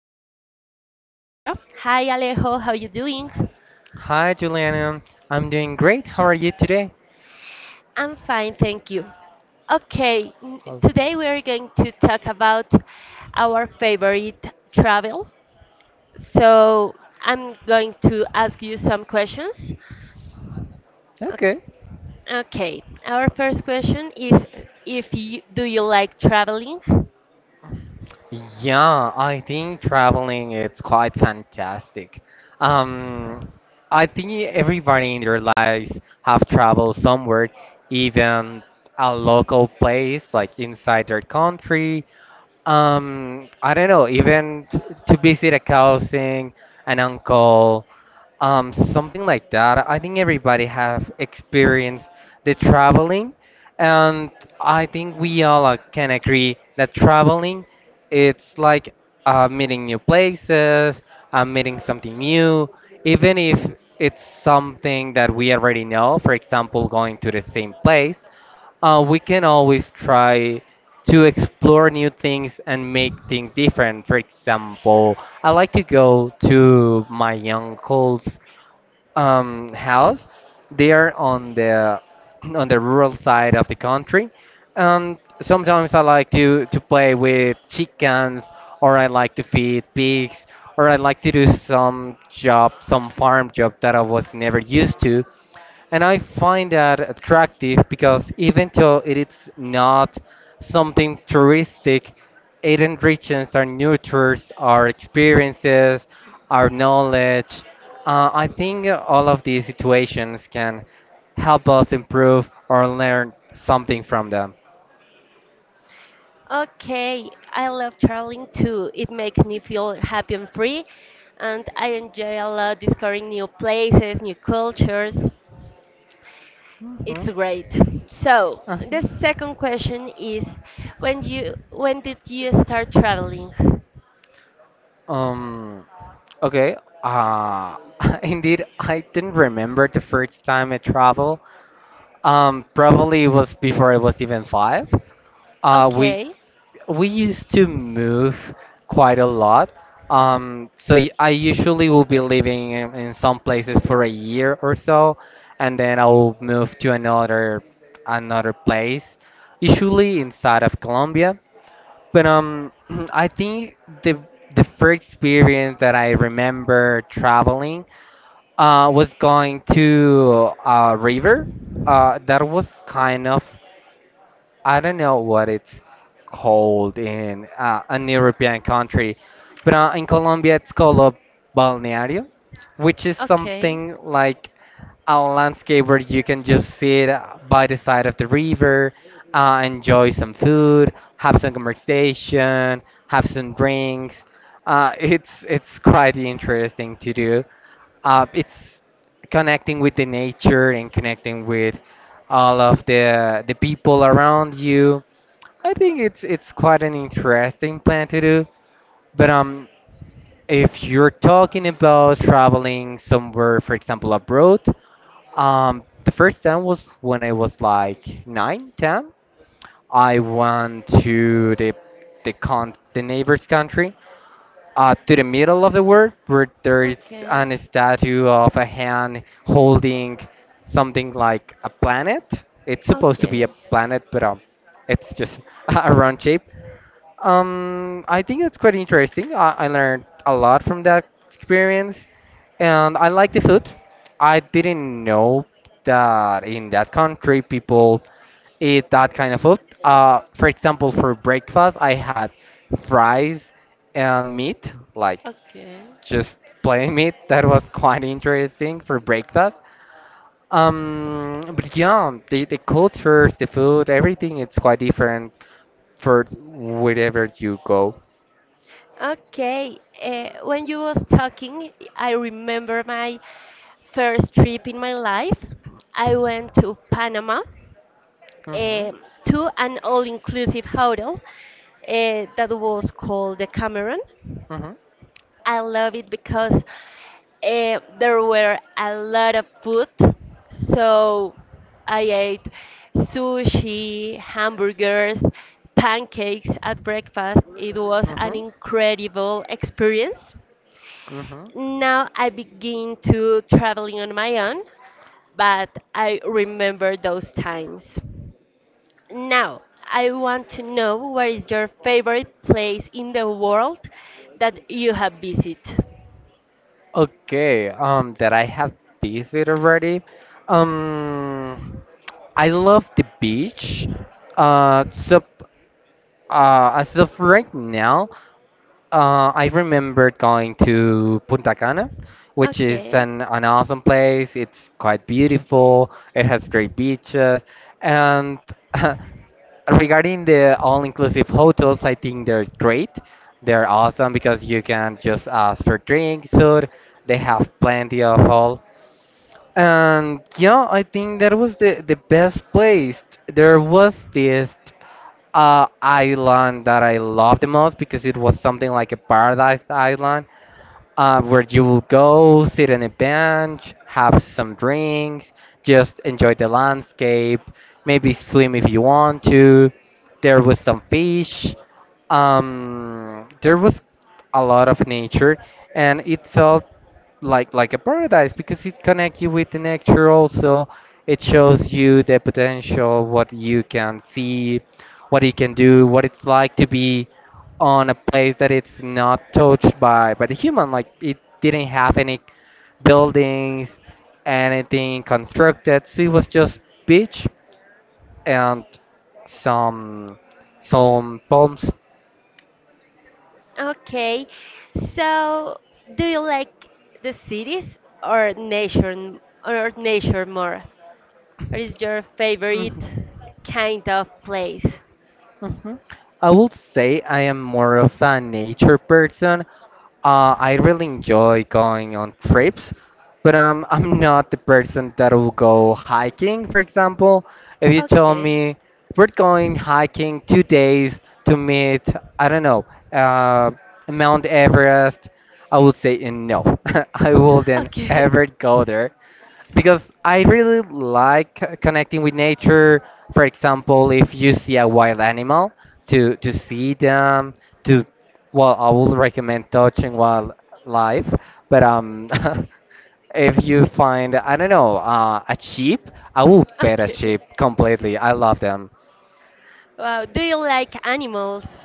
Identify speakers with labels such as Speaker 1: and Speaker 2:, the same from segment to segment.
Speaker 1: here with Alejandro. Hi, Alejo, how you doing?
Speaker 2: Hi, Juliana. I'm doing great. How are you today?
Speaker 1: I'm fine, thank you.
Speaker 2: Awesome.
Speaker 1: Today we are going to talk about our favorite travel. So I'm going to ask you some questions. O-
Speaker 2: Okay.
Speaker 1: Okay, our first question is if you do you like traveling?
Speaker 2: Yeah, I think traveling is quite fantastic. Um, I think everybody in their lives have traveled somewhere, even a local place like inside their country. I don't know, to visit a cousin, an uncle, something like that. I think everybody have experienced the traveling, and I think we all can agree that traveling, it's like meeting new places, meeting something new, even if it's something that we already know. For example, going to the same place, we can always try to explore new things and make things different. For example, I like to go to my uncle's house. They are on the on the rural side of the country. Sometimes I like to play with chickens, or I like to feed pigs, or I like to do some job, some farm job that I was never used to. And I find that attractive because even though it is not something touristic, it enriches our nurtures, our experiences, our knowledge. I think all of these situations can help us improve or learn something from them.
Speaker 1: Okay, I love traveling too. It makes me feel happy and free, and I enjoy a lot discovering new places, new cultures.
Speaker 2: Mhm.
Speaker 1: It's great. So, the
Speaker 2: Uh-huh.
Speaker 1: second question is when did you start traveling?
Speaker 2: Um, okay. Uh, indeed, I didn't remember the first time I traveled. Probably it was before I was even 5. Uh, we
Speaker 1: Okay.
Speaker 2: we used to move quite a lot. I usually will be living in some places for a year or so, and then I will move to another another place, usually inside of Colombia. But I think the the first experience that I remember traveling was going to a river. That was kind of, I don't know what it's called in an European country, but in Colombia it's called a balneario, which is
Speaker 1: Okay.
Speaker 2: something like a landscape where you can just sit by the side of the river, enjoy some food, have some conversation, have some drinks. It's quite interesting to do. It's connecting with the nature and connecting with all of the people around you. I think it's quite an interesting plan to do. But if you're talking about traveling somewhere, for example, abroad, the first time was when I was like nine, ten. I went to the neighbor's country to the middle of the word where there is
Speaker 1: Okay.
Speaker 2: an statue of a hand holding something like a planet. It's supposed to be
Speaker 1: Okay.
Speaker 2: a planet, but it's just a round shape. I think it's quite interesting. I learned a lot from that experience, and I like the food. I didn't know that in that country people eat that kind of food. For example, for breakfast, I had fries and meat, like
Speaker 1: Okay.
Speaker 2: just plain meat. That was quite interesting for breakfast. But yeah, the cultures, the food, everything, it's quite different for wherever you go.
Speaker 1: Okay, when you was talking, I remember my first trip in my life. I went to Panama
Speaker 2: Mm-hmm.
Speaker 1: eh, to an all-inclusive hotel that was called the Cameron.
Speaker 2: Mm-hmm.
Speaker 1: I love it because there were a lot of food. So I ate sushi, hamburgers, pancakes at breakfast. It was an
Speaker 2: Mm-hmm.
Speaker 1: incredible experience.
Speaker 2: Mm-hmm.
Speaker 1: Now I begin to traveling on my own, but I remember those times. Now, I want to know what is your favorite place in the world that you have visited?
Speaker 2: Okay, that I have visited already. Um, I love the beach. Uh, so as of right now, I remember going to Punta Cana, which is
Speaker 1: Okay.
Speaker 2: an awesome place. It's quite beautiful. It has great beaches. And regarding the all-inclusive hotels, I think they're great. They're awesome because you can just ask for drinks, food. They have plenty of all. And yeah, I think that was the best place. There was this island that I loved the most because it was something like a paradise island where you will go, sit on a bench, have some drinks, just enjoy the landscape, maybe swim if you want to. There was some fish. There was a lot of nature, and it felt like a paradise because it connects you with the nature. Also, it shows you the potential, what you can see, what you can do, what it's like to be on a place that it's not touched by the human, like it didn't have any buildings, anything constructed, so it was just beach and some some palms.
Speaker 1: Okay, so do you like the cities or nature more? What is your favorite
Speaker 2: Mhm.
Speaker 1: kind of place?
Speaker 2: Mhm. I would say I am more of a nature person. I really enjoy going on trips, but I'm not the person that will go hiking, for example. If you tell
Speaker 1: Okay,
Speaker 2: me we're going hiking 2 days to meet, I don't know, uh, Mount Everest, I would say no. I wouldn't
Speaker 1: okay,
Speaker 2: ever go there because I really like connecting with nature. For example, if you see a wild animal, to see them, to well, I would recommend touching wildlife. But if you find, I don't know, a sheep, I will pet a
Speaker 1: okay.
Speaker 2: sheep completely. I love them.
Speaker 1: Wow, do you like animals?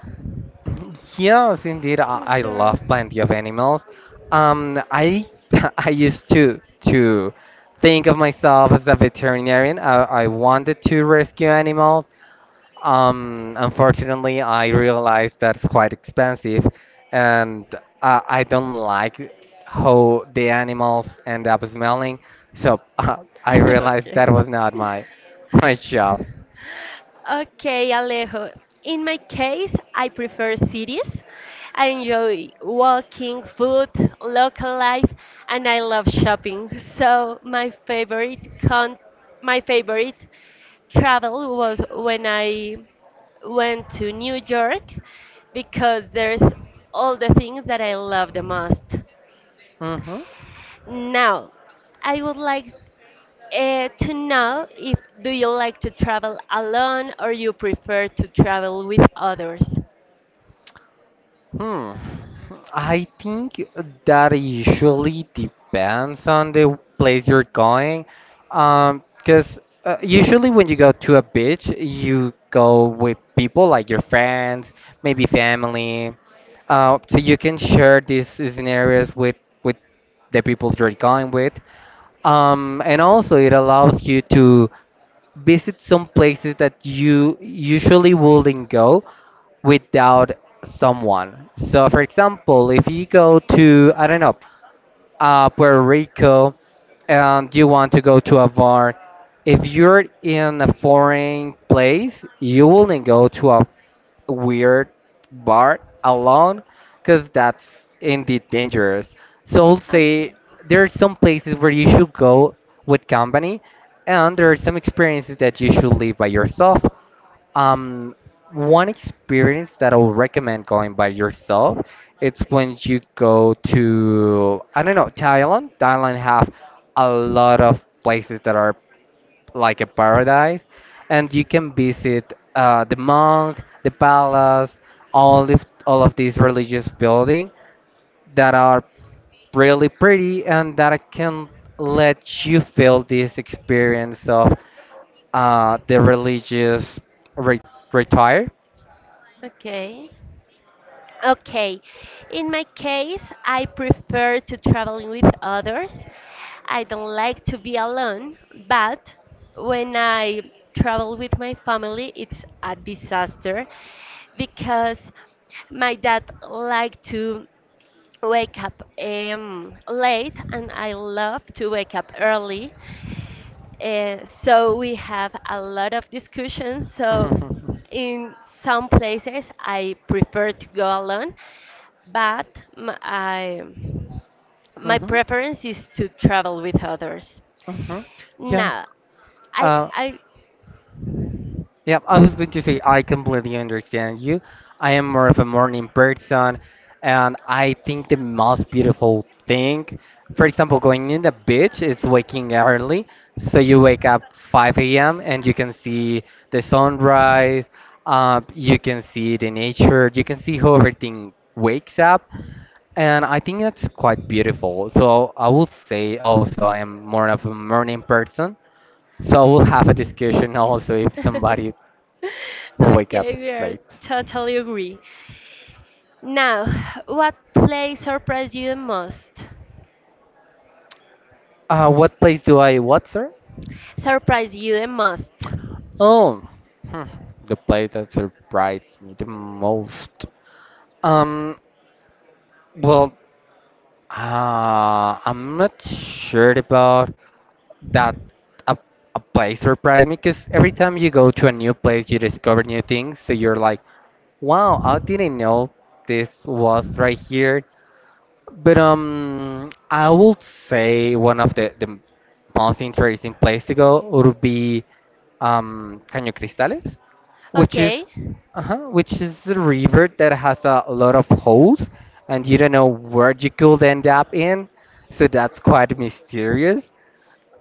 Speaker 2: Yeah, yes, indeed. I
Speaker 1: Is your
Speaker 2: love plenty of animals. I I used to think of myself as a veterinarian. I wanted to rescue animals. Unfortunately, I realized that's quite expensive, and I don't like how the animals end up smelling. So I realized that
Speaker 1: okay?
Speaker 2: was not my my job.
Speaker 1: Okay, Alejo. In my case, I prefer cities. I enjoy walking, food, local life, and I love shopping. So my favorite travel was when I went to New York because there's all the things that I love the most.
Speaker 2: Mm-hmm.
Speaker 1: Now, I would like to know if do you like to travel alone or you prefer to travel with others.
Speaker 2: Hmm. I think that usually depends on the place you're going. Because usually when you go to a beach, you go with people like your friends, maybe family. So you can share these scenarios with with the people you're going with. And also it allows you to visit some places that you usually wouldn't go without someone. So, for example, if you go to, I don't know, Puerto Rico, and you want to go to a bar, if you're in a foreign place, you wouldn't go to a weird bar alone because that's indeed dangerous. So I'll
Speaker 1: Okay.
Speaker 2: say there are some places where you should go with company, and there are some experiences that you should live by yourself. Um, One experience that I would recommend going by yourself, it's when you go to, I don't know, Thailand. Thailand have a lot of places that are like a paradise, and you can visit the monk, the palace, all of these religious buildings that are really pretty and that can let you feel this experience of the religious re- retire.
Speaker 1: Okay. Okay. In my case, I prefer to travel with others. I don't like to be alone, but when I travel with my family, it's a disaster because my dad liked to wake up late and I love to wake up early. So we have a lot of discussions. So
Speaker 2: Mm-hmm.
Speaker 1: in some places I prefer to go alone, but m- I, my
Speaker 2: Mm-hmm.
Speaker 1: preference is to travel with others.
Speaker 2: Mm-hmm. Yeah.
Speaker 1: Now,
Speaker 2: Uh,
Speaker 1: I
Speaker 2: yeah, I was going to say I completely understand you. I am more of a morning person, and I think the most beautiful thing, for example, going in the beach, it's waking early. So you wake up 5 a.m. and you can see the sunrise, you can see the nature, you can see how everything wakes up. And I think that's quite beautiful. So I would say also I am more of a morning person. So we'll have a discussion also if somebody will wake up
Speaker 1: okay, we are
Speaker 2: late.
Speaker 1: totally agree. Now, what play surprised you the most?
Speaker 2: What place do I what, sir?
Speaker 1: Surprise you the most.
Speaker 2: Oh, hmm, the place that surprised me the most. Um, well, I'm not sure about that a, a place surprised me because every time you go to a new place, you discover new things. So you're like, wow, I didn't know this was right here. But I would say one of the most interesting place to go would be Caño Cristales, which is
Speaker 1: Okay,
Speaker 2: which is a river that has a lot of holes, and you don't know where you could end up in, so that's quite mysterious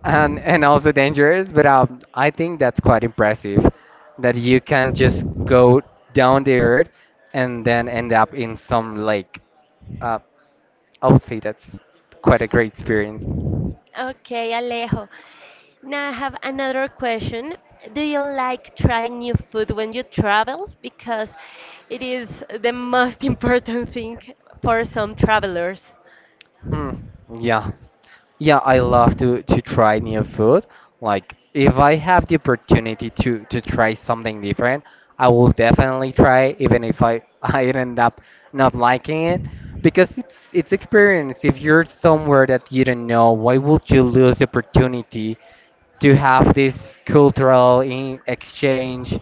Speaker 2: and also dangerous. But I think that's quite impressive that you can just go down the earth and then end up in some lake. Uh, I would say that's quite a great experience.
Speaker 1: okay, Alejo. Now I have another question. Do you like trying new food when you travel? Because it is the most important thing for some travelers.
Speaker 2: Hmm. Yeah. Yeah, I love to try new food. Like if I have the opportunity to try something different, I will definitely try even if I I end up not liking it because it's experience. If you're somewhere that you don't know, why would you lose the opportunity to have this cultural in exchange,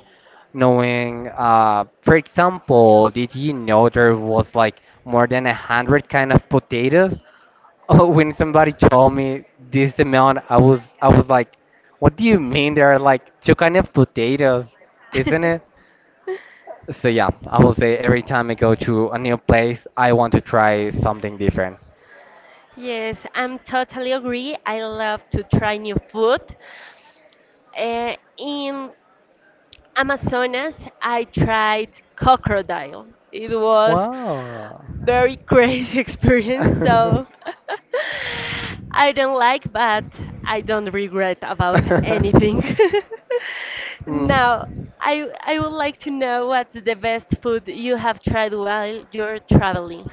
Speaker 2: knowing, for example, did you know there was like more than 100 kind of potatoes? Oh, when somebody told me this amount, I was like, "What do you mean? There are like two kind of potatoes, isn't it?" So yeah, I will say every time I go to a new place, I want to try something different.
Speaker 1: Yes, I'm totally agree. I love to try new food. In Amazonas, I tried crocodile. It was
Speaker 2: Wow.
Speaker 1: very crazy experience, so I don't like, but I don't regret about anything. Now,
Speaker 2: Mm.
Speaker 1: I would like to know what's the best food you have tried while you're traveling.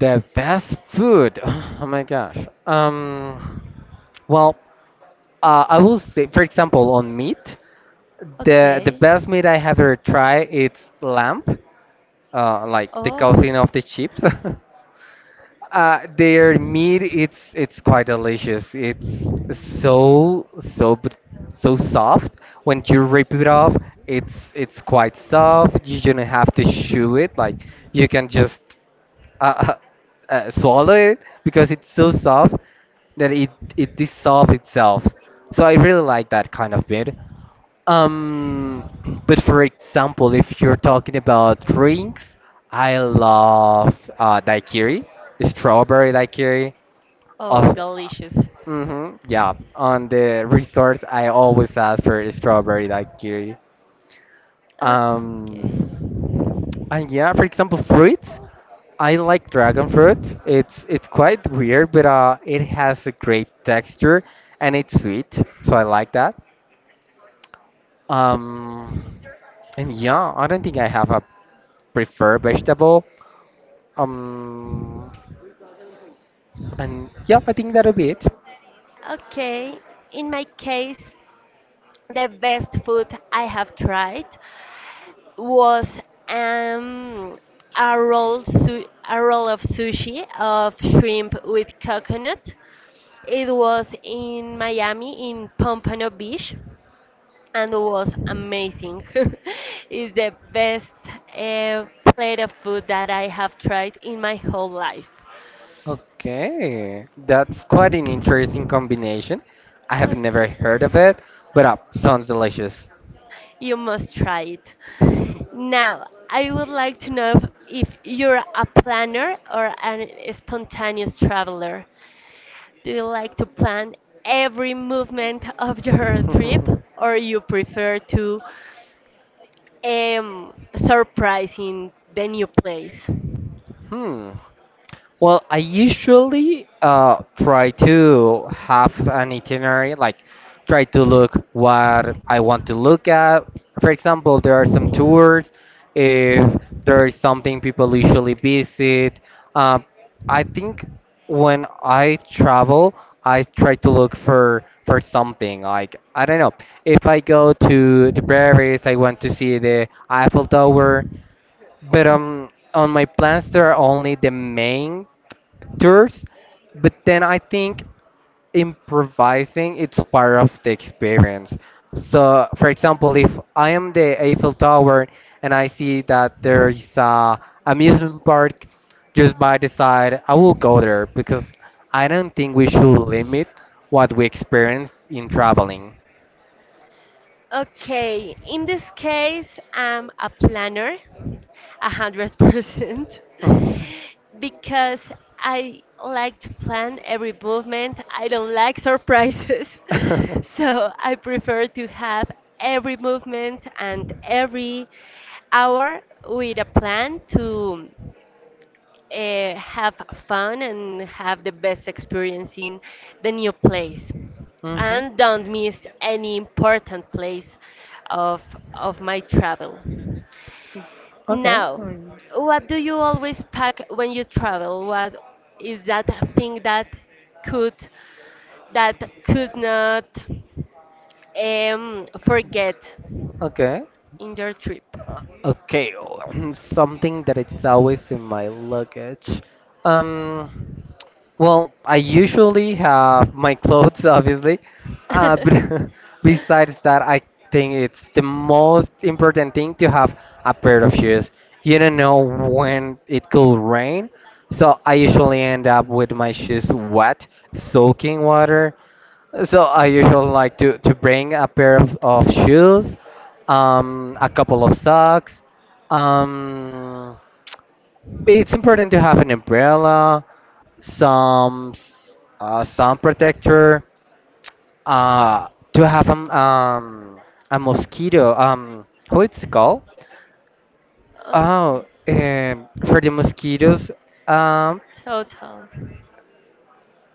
Speaker 2: The best food. Oh my gosh. Um, well, I will say, for example, on meat, the
Speaker 1: Okay.
Speaker 2: best meat I have ever tried it's lamb. Like the
Speaker 1: Oh,
Speaker 2: cousin of the chips. Their meat it's quite delicious. It's so so br- so soft. When you rip it off, it's quite soft. You don't have to chew it. Like you can just uh, swallow it because it's so soft that it dissolves itself. So I really like that kind of meat. Um, but for example, if you're talking about drinks, I love daiquiri, strawberry daiquiri.
Speaker 1: oh,
Speaker 2: Of,
Speaker 1: delicious.
Speaker 2: hmm, yeah, on the resort, I always ask for a strawberry daiquiri.
Speaker 1: Okay.
Speaker 2: Um, and yeah, for example, fruits. I like dragon fruit. It's quite weird, but it has a great texture and it's sweet, so I like that. Um, and yeah, I don't think I have a preferred vegetable. Um, and yeah, I think that'll be it.
Speaker 1: Okay. In my case, the best food I have tried was um, a roll of sushi of shrimp with coconut. It was in Miami in Pompano Beach and was amazing. It's the best uh, plate of food that I have tried in my whole life.
Speaker 2: Okay, that's quite an interesting combination. I have never
Speaker 1: Okay.
Speaker 2: heard of it, but sounds delicious.
Speaker 1: You must try it. Now, I would like to know if you're a planner or an spontaneous traveler. Do you like to plan every movement of your trip, or you prefer to surprising the new place?
Speaker 2: hmm. Well, I usually try to have an itinerary, like try to look what I want to look at. For example, there are some tours. If there is something people usually visit, um, I think when I travel, I try to look for something. Like I don't know, if I go to Paris, I want to see the Eiffel Tower. But on my plans, there are only the main actors, but then I think improvising it's part of the experience. So, for example, if I am the Eiffel Tower and I see that there is a amusement park just by the side, I will go there because I don't think we should limit what we experience in traveling.
Speaker 1: Okay, in this case, I'm a planner, a hundred percent, because I like to plan every movement. I don't like surprises, so I prefer to have every movement and every hour with a plan to have fun and have the best experience in the new place.
Speaker 2: Mhm.
Speaker 1: And don't miss any important place of, of my travel.
Speaker 2: Okay.
Speaker 1: Now, what do you always pack when you travel? What is that thing could that could not forget
Speaker 2: Okay.
Speaker 1: in your trip?
Speaker 2: Okay, something that it's always in my luggage. Um, well, I usually have my clothes, obviously, but besides that, I think it's the most important thing to have a pair of shoes. You don't know when it could rain, so I
Speaker 1: So,
Speaker 2: usually end up with my shoes wet, soaking water. So I usually like to bring a pair of shoes, a couple of socks, um, it's important to have an umbrella, some sun protector, to have a mosquito. How it's called?
Speaker 1: okay.
Speaker 2: Oh, for the mosquitoes. Um,
Speaker 1: Total.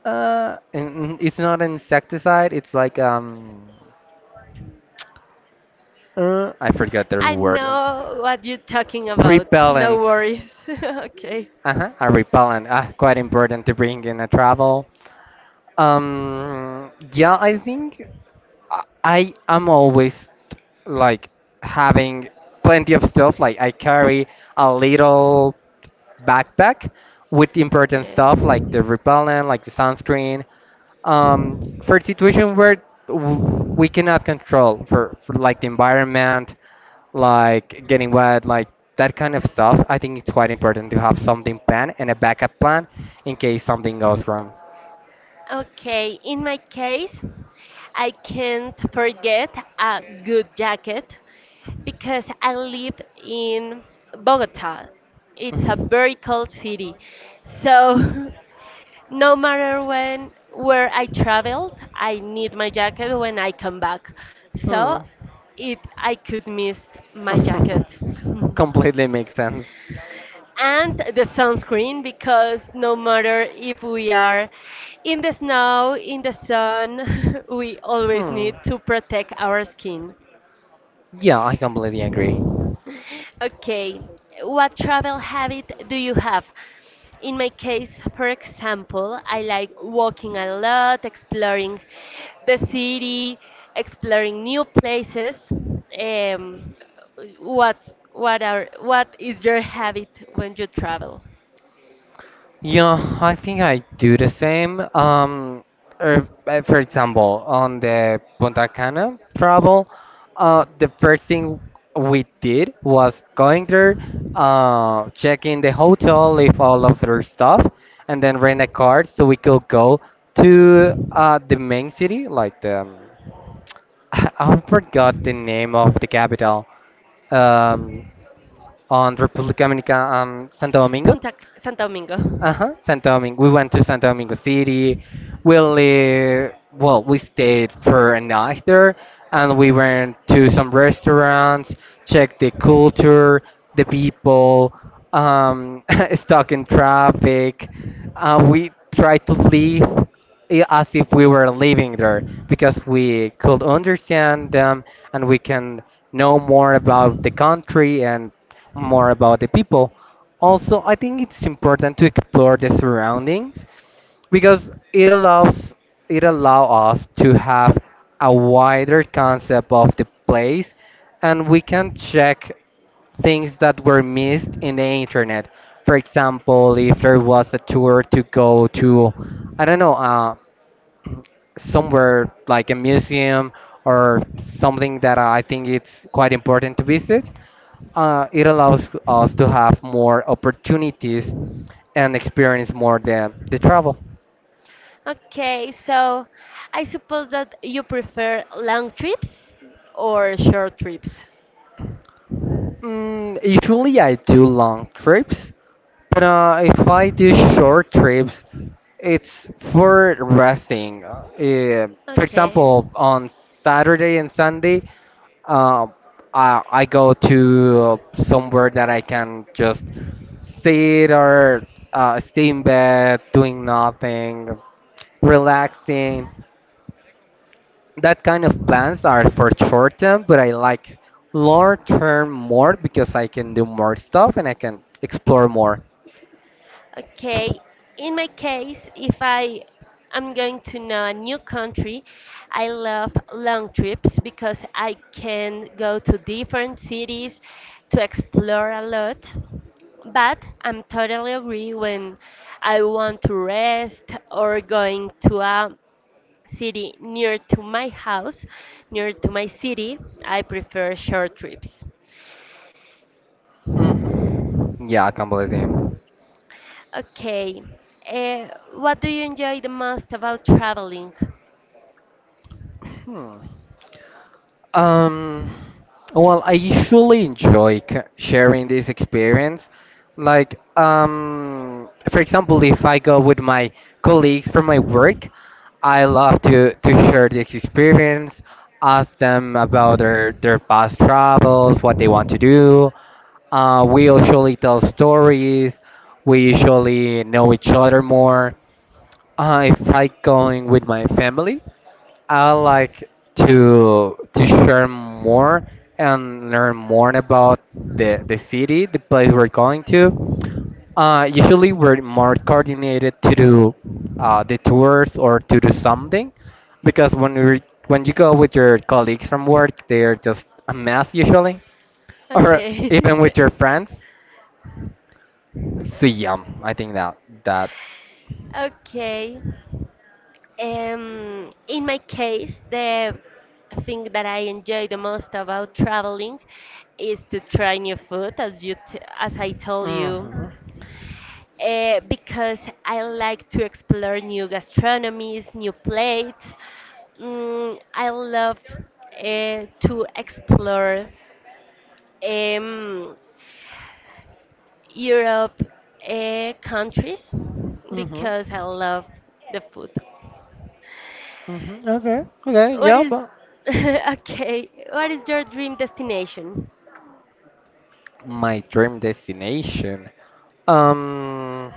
Speaker 2: it's not an insecticide. It's like I forgot the
Speaker 1: I
Speaker 2: word.
Speaker 1: know what you're talking about. No
Speaker 2: Repellent.
Speaker 1: worries. Okay.
Speaker 2: Uh-huh, a repellent. Ah, quite important to bring in a travel. Yeah, I think. I am always like having plenty of stuff. Like I carry a little backpack with important
Speaker 1: Okay.
Speaker 2: stuff like the repellent, like the sunscreen, for situation where we cannot control for like the environment, like getting wet, like that kind of stuff. I think it's quite important to have something planned and a backup plan in case something goes wrong.
Speaker 1: Okay, in my case, I can't forget a good jacket because I live in Bogota. It's a very cold city. So no matter when where I traveled, I need my jacket when I come back.
Speaker 2: Mhm.
Speaker 1: So it I could miss my
Speaker 2: Hmm.
Speaker 1: jacket.
Speaker 2: Completely makes sense.
Speaker 1: And the sunscreen because no matter if we are in the snow, in the sun, we always
Speaker 2: Hmm.
Speaker 1: need to protect our skin.
Speaker 2: Yeah, I completely agree.
Speaker 1: Okay, what travel habit do you have? In my case, for example, I like walking a lot, exploring the city, exploring new places. Um, what is your habit when you travel?
Speaker 2: Yeah, I think I do the same. For example, on the Punta Cana travel, the first thing we did was going there, checking the hotel, leave all of their stuff, and then rent a car so we could go to the main city, like the. I forgot the name of the capital. Um, on República Dominicana and Santo Domingo.
Speaker 1: Punta Santo Domingo.
Speaker 2: Uh huh. Santo Domingo. We went to Santo Domingo City. Well, we stayed for a night there, and we went to some restaurants, checked the culture, the people, um, stuck in traffic. We tried to leave as if we were living there because we could understand them and we can know more about the country and more about the people. Also, I think it's important to explore the surroundings because it allows it allow us to have a wider concept of the place and we can check things that were missed in the internet. For example, if there was a tour to go to, I don't know, somewhere like a museum or something that I think it's quite important to visit, it allows us to have more opportunities and experience more the travel.
Speaker 1: Okay, so I suppose that you prefer long trips or short trips.
Speaker 2: Mm, usually I do long trips, but if I do short trips, it's for resting. For
Speaker 1: Okay.
Speaker 2: example, on Saturday and Sunday, uh, I go to somewhere that I can just sit or stay in bed, doing nothing, relaxing. That kind of plans are for short term, but I like long term more because I can do more stuff and I can explore more.
Speaker 1: Okay, in my case, if I am going to know a new country, I love long trips because I can go to different cities to explore a lot. But I'm totally agree when I want to rest or going to a city near to my house, near to my city, I prefer short trips.
Speaker 2: Hmm. Yeah, completely.
Speaker 1: Okay, uh, what do you enjoy the most about traveling?
Speaker 2: Hmm. Um, well, I usually enjoy sharing this experience. Like, for example, if I go with my colleagues from my work, I love to share this experience, ask them about their past travels, what they want to do. We usually tell stories. We usually know each other more. If I going with my family, I like to share more and learn more about the city, the place we're going to. Usually, we're more coordinated to do the tours or to do something, because when you go with your colleagues from work, they're just a mess usually, or
Speaker 1: Okay.
Speaker 2: even with your friends. So yeah, I think that that.
Speaker 1: Okay. In my case, the thing that I enjoy the most about traveling is to try new food, as I told you,
Speaker 2: Mhm.
Speaker 1: because I like to explore new gastronomies, new plates. Mm, I love to explore um, Europe countries
Speaker 2: Mhm.
Speaker 1: because I love the food.
Speaker 2: Mhm. Okay. Okay.
Speaker 1: What
Speaker 2: Yeah,
Speaker 1: is
Speaker 2: but.
Speaker 1: okay? What is your dream destination?
Speaker 2: My dream destination. Um,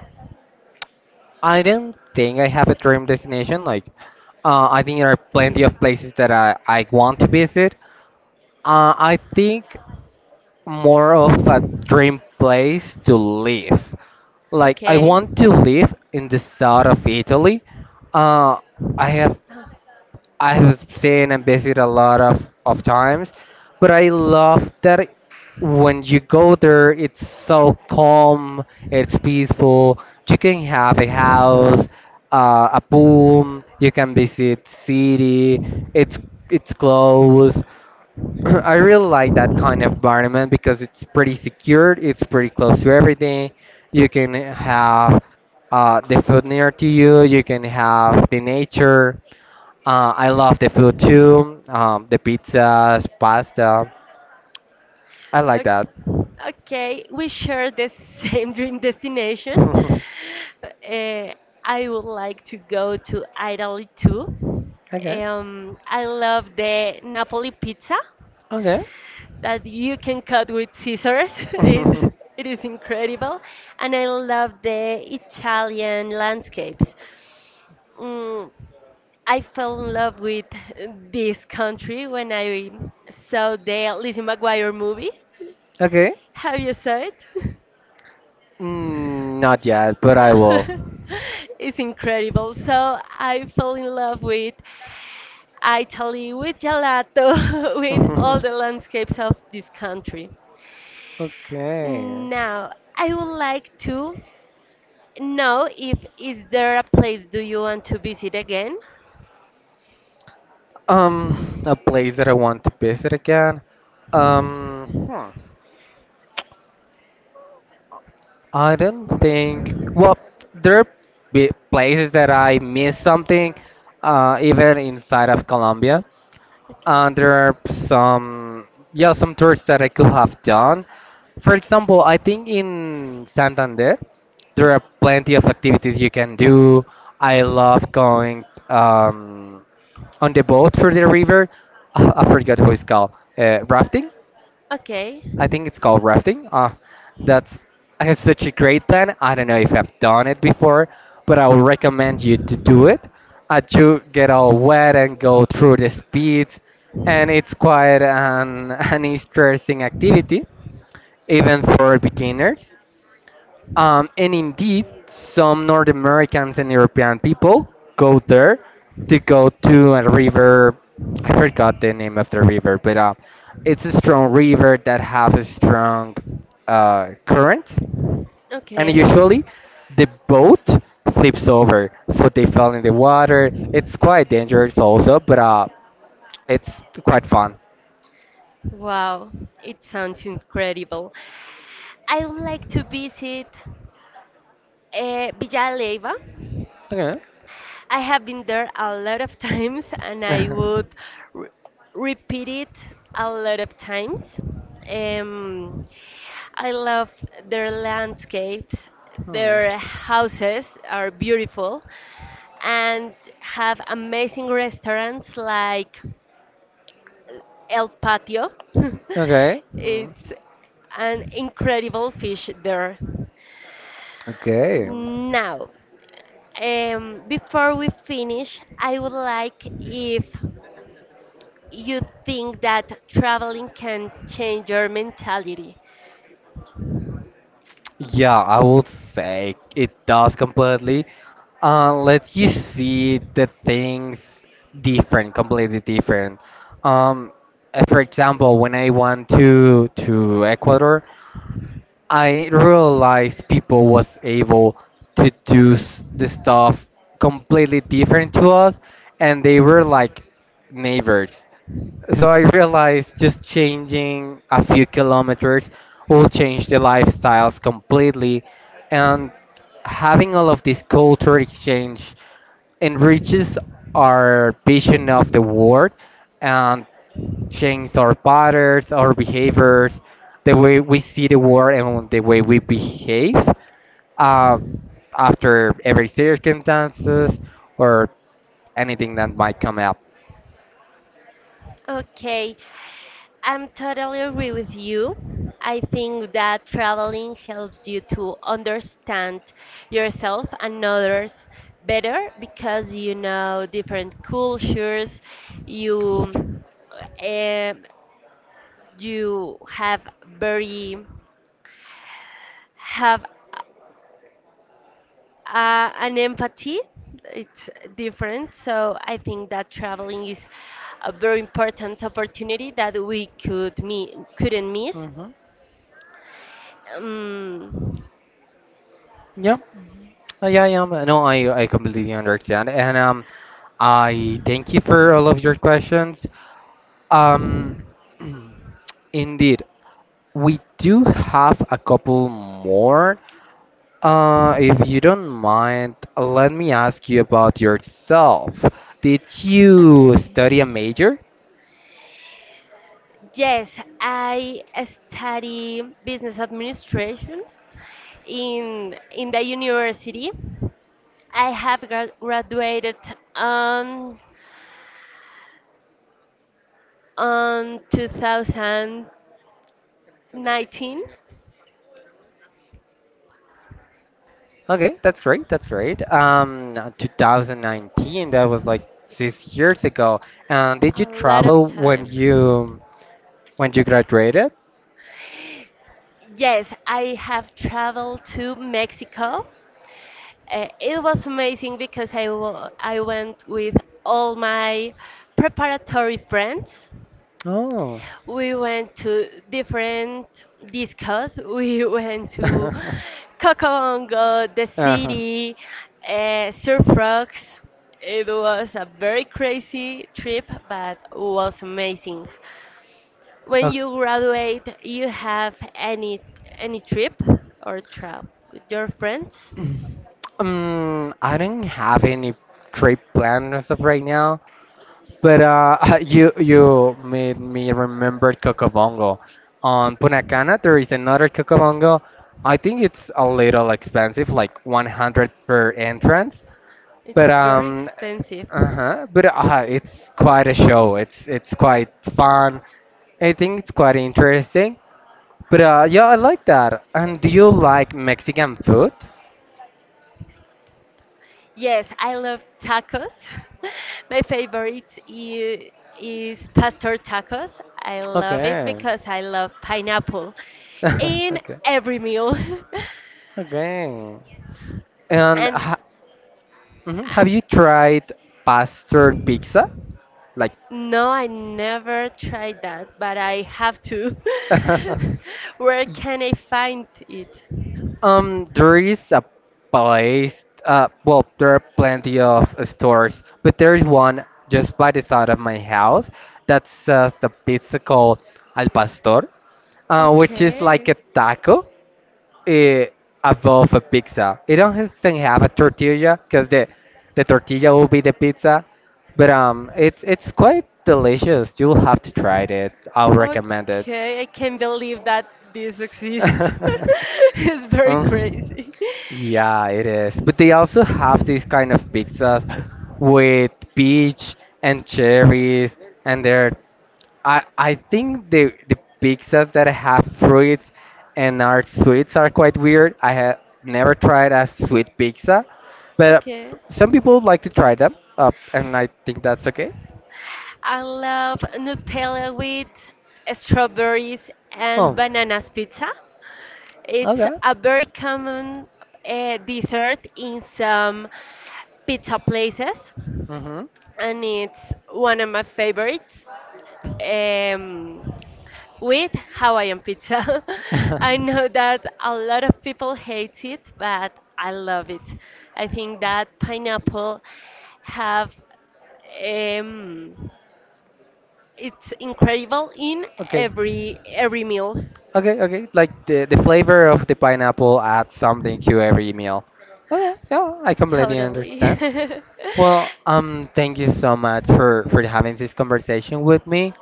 Speaker 2: I don't think I have a dream destination. Like, I think there are plenty of places that I want to visit. I think more of a dream place to live. Like, I
Speaker 1: Okay.
Speaker 2: want to live in the south of Italy. Uh, I have
Speaker 1: Uh,
Speaker 2: I have seen and visited a lot of times, but I love that when you go there, it's so calm, it's peaceful. You can have a house, a pool, you can visit city, it's it's close. I really like that kind of environment because it's pretty secure, it's pretty close to everything. You can have the food near to you, you can have the nature. I love the food too. The pizzas, pasta. I like that.
Speaker 1: o- Okay, we share the same dream destination. Uh, I would like to go to Italy too.
Speaker 2: Okay.
Speaker 1: I love the Napoli pizza
Speaker 2: Okay.
Speaker 1: that you can cut with scissors. It it is incredible, and I love the Italian landscapes. Mm, I fell in love with this country when I saw the Lizzie McGuire movie.
Speaker 2: Okay.
Speaker 1: Have you saw it?
Speaker 2: Mm, not yet, but I
Speaker 1: No.
Speaker 2: will.
Speaker 1: It's incredible. So I fell in love with Italy, with gelato, with all the landscapes of this country.
Speaker 2: Okay.
Speaker 1: Now, I would like to know if is there a place do you want to visit again?
Speaker 2: Um, a place that I want to visit again. Um, hmm. I don't think. Well, there are places that I miss something, even inside of Colombia.
Speaker 1: Okay.
Speaker 2: And there are some tours that I could have done. For example, I think in Santander there are plenty of activities you can do. I love going on the boat through the river. I forget how it's called. Rafting.
Speaker 1: Okay.
Speaker 2: I think it's called rafting. That's such a great plan. I don't know if I've done it before, but I would recommend you to do it. You get all wet and go through the speeds, and it's quite an, an interesting activity, even for beginners. And indeed, some North Americans and European people go there to go to a river. I forgot the name of the river, but it's a strong river that has a strong current, and
Speaker 1: Okay.
Speaker 2: usually the boat flips over, so they fell in the water. It's quite dangerous also, but it's quite fun.
Speaker 1: Wow, it sounds incredible. I would like to visit Villaleiva.
Speaker 2: Okay.
Speaker 1: I have been there a lot of times and I would re- repeat it a lot of times. Um, I love their landscapes,
Speaker 2: Hmm.
Speaker 1: their houses are beautiful and have amazing restaurants like El Patio.
Speaker 2: Okay. Hmm.
Speaker 1: It's an incredible fish there.
Speaker 2: Okay.
Speaker 1: Now, before we finish, I would like if you think that traveling can change your mentality.
Speaker 2: Yeah, I would say it does completely. Let you see the things different, completely different. Um, for example, when I went to Ecuador, I realized people was able to do the stuff completely different to us, and they were like neighbors. So I realized just changing a few kilometers will change the lifestyles completely, and having all of this culture exchange enriches our vision of the world and changes our patterns, our behaviors, the way we see the world and the way we behave uh, after every circumstances or anything that might come up.
Speaker 1: Okay, I'm totally agree with you. I think that traveling helps you to understand yourself and others better because you know different cultures, you um, you have very have an empathy. It's different, so I think that traveling is a very important opportunity that we couldn't miss.
Speaker 2: Hmm.
Speaker 1: Um,
Speaker 2: Yeah. Yeah, I am. No, I completely understand. And I thank you for all of your questions. Um, indeed, we do have a couple more. If you don't mind, let me ask you about yourself. Did you
Speaker 1: okay.
Speaker 2: study a major?
Speaker 1: Yes, I study business administration in the university. I have graduated on on 2019.
Speaker 2: Okay, that's great. That's great. 2019, that was like 6 years ago. And did
Speaker 1: A
Speaker 2: you
Speaker 1: lot of
Speaker 2: travel
Speaker 1: time.
Speaker 2: when you graduated?
Speaker 1: Yes, I have traveled to Mexico. It was amazing because I went with all my preparatory friends.
Speaker 2: Oh.
Speaker 1: We went to different discos. We went to Cocobongo, the
Speaker 2: Uh-huh.
Speaker 1: city, surf rocks. It was a very crazy trip, but was amazing. When
Speaker 2: Ok.
Speaker 1: you graduate, you have any trip or travel with your friends?
Speaker 2: I don't have any trip planned as of right now, but you made me remember Cocobongo. On Punta Cana, there is another Cocobongo. I think it's a little expensive, like 100 per entrance,
Speaker 1: It's
Speaker 2: but
Speaker 1: very expensive.
Speaker 2: uh-huh, but it's quite a show. It's quite fun. I think it's quite interesting. But yeah, I like that. And do you like Mexican food?
Speaker 1: Yes, I love tacos. My favorite i- is pastor tacos. I love it
Speaker 2: Okay.
Speaker 1: because I love pineapple in
Speaker 2: Okay.
Speaker 1: every meal.
Speaker 2: Okay. And
Speaker 1: And
Speaker 2: ha Mhm, have
Speaker 1: and
Speaker 2: you tried Pastor Pizza? Like,
Speaker 1: no, I never tried that, but I have to. Where can I find it?
Speaker 2: there is a place, well, there are plenty of stores, but there is one just by the side of my house that sells a pizza called Al Pastor, which is like a
Speaker 1: Okay.
Speaker 2: taco, it above a pizza. It doesn't have a tortilla because the tortilla will be the pizza, but it's quite delicious. You'll have to try it. I'll recommend
Speaker 1: Okay, I can't believe that this exists.
Speaker 2: it.
Speaker 1: It's very
Speaker 2: Um,
Speaker 1: crazy.
Speaker 2: yeah, it is. But they also have these kind of pizzas with peach and cherries, and they're I think the pizzas that have fruits and are sweets are quite weird. I have never tried a sweet pizza, but
Speaker 1: Okay.
Speaker 2: some people like to try them, and I think that's okay.
Speaker 1: I love Nutella with strawberries and
Speaker 2: Oh,
Speaker 1: bananas pizza. It's
Speaker 2: okay.
Speaker 1: a very common dessert in some pizza places,
Speaker 2: Mhm.
Speaker 1: and it's one of my favorites. Um, with Hawaiian pizza. I know that a lot of people hate it, but I love it. I think that pineapple have um, it's incredible in
Speaker 2: Okay.
Speaker 1: every meal.
Speaker 2: Okay, okay. Like the flavor of the pineapple adds something to every meal. Okay, yeah, I completely
Speaker 1: Totally.
Speaker 2: understand. Well, thank you so much for having this conversation with me.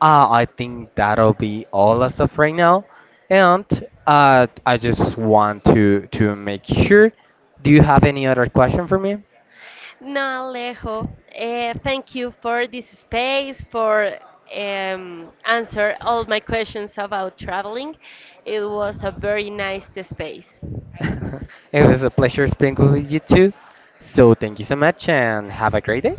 Speaker 2: I think that'll be all as of right now, and I just want to make sure. Do you have any other question for me?
Speaker 1: No, Alejo, eh, thank you for this space, for answer all my questions about traveling. It was a very nice space.
Speaker 2: It was a pleasure speaking with you too. So thank you so much and have a great day.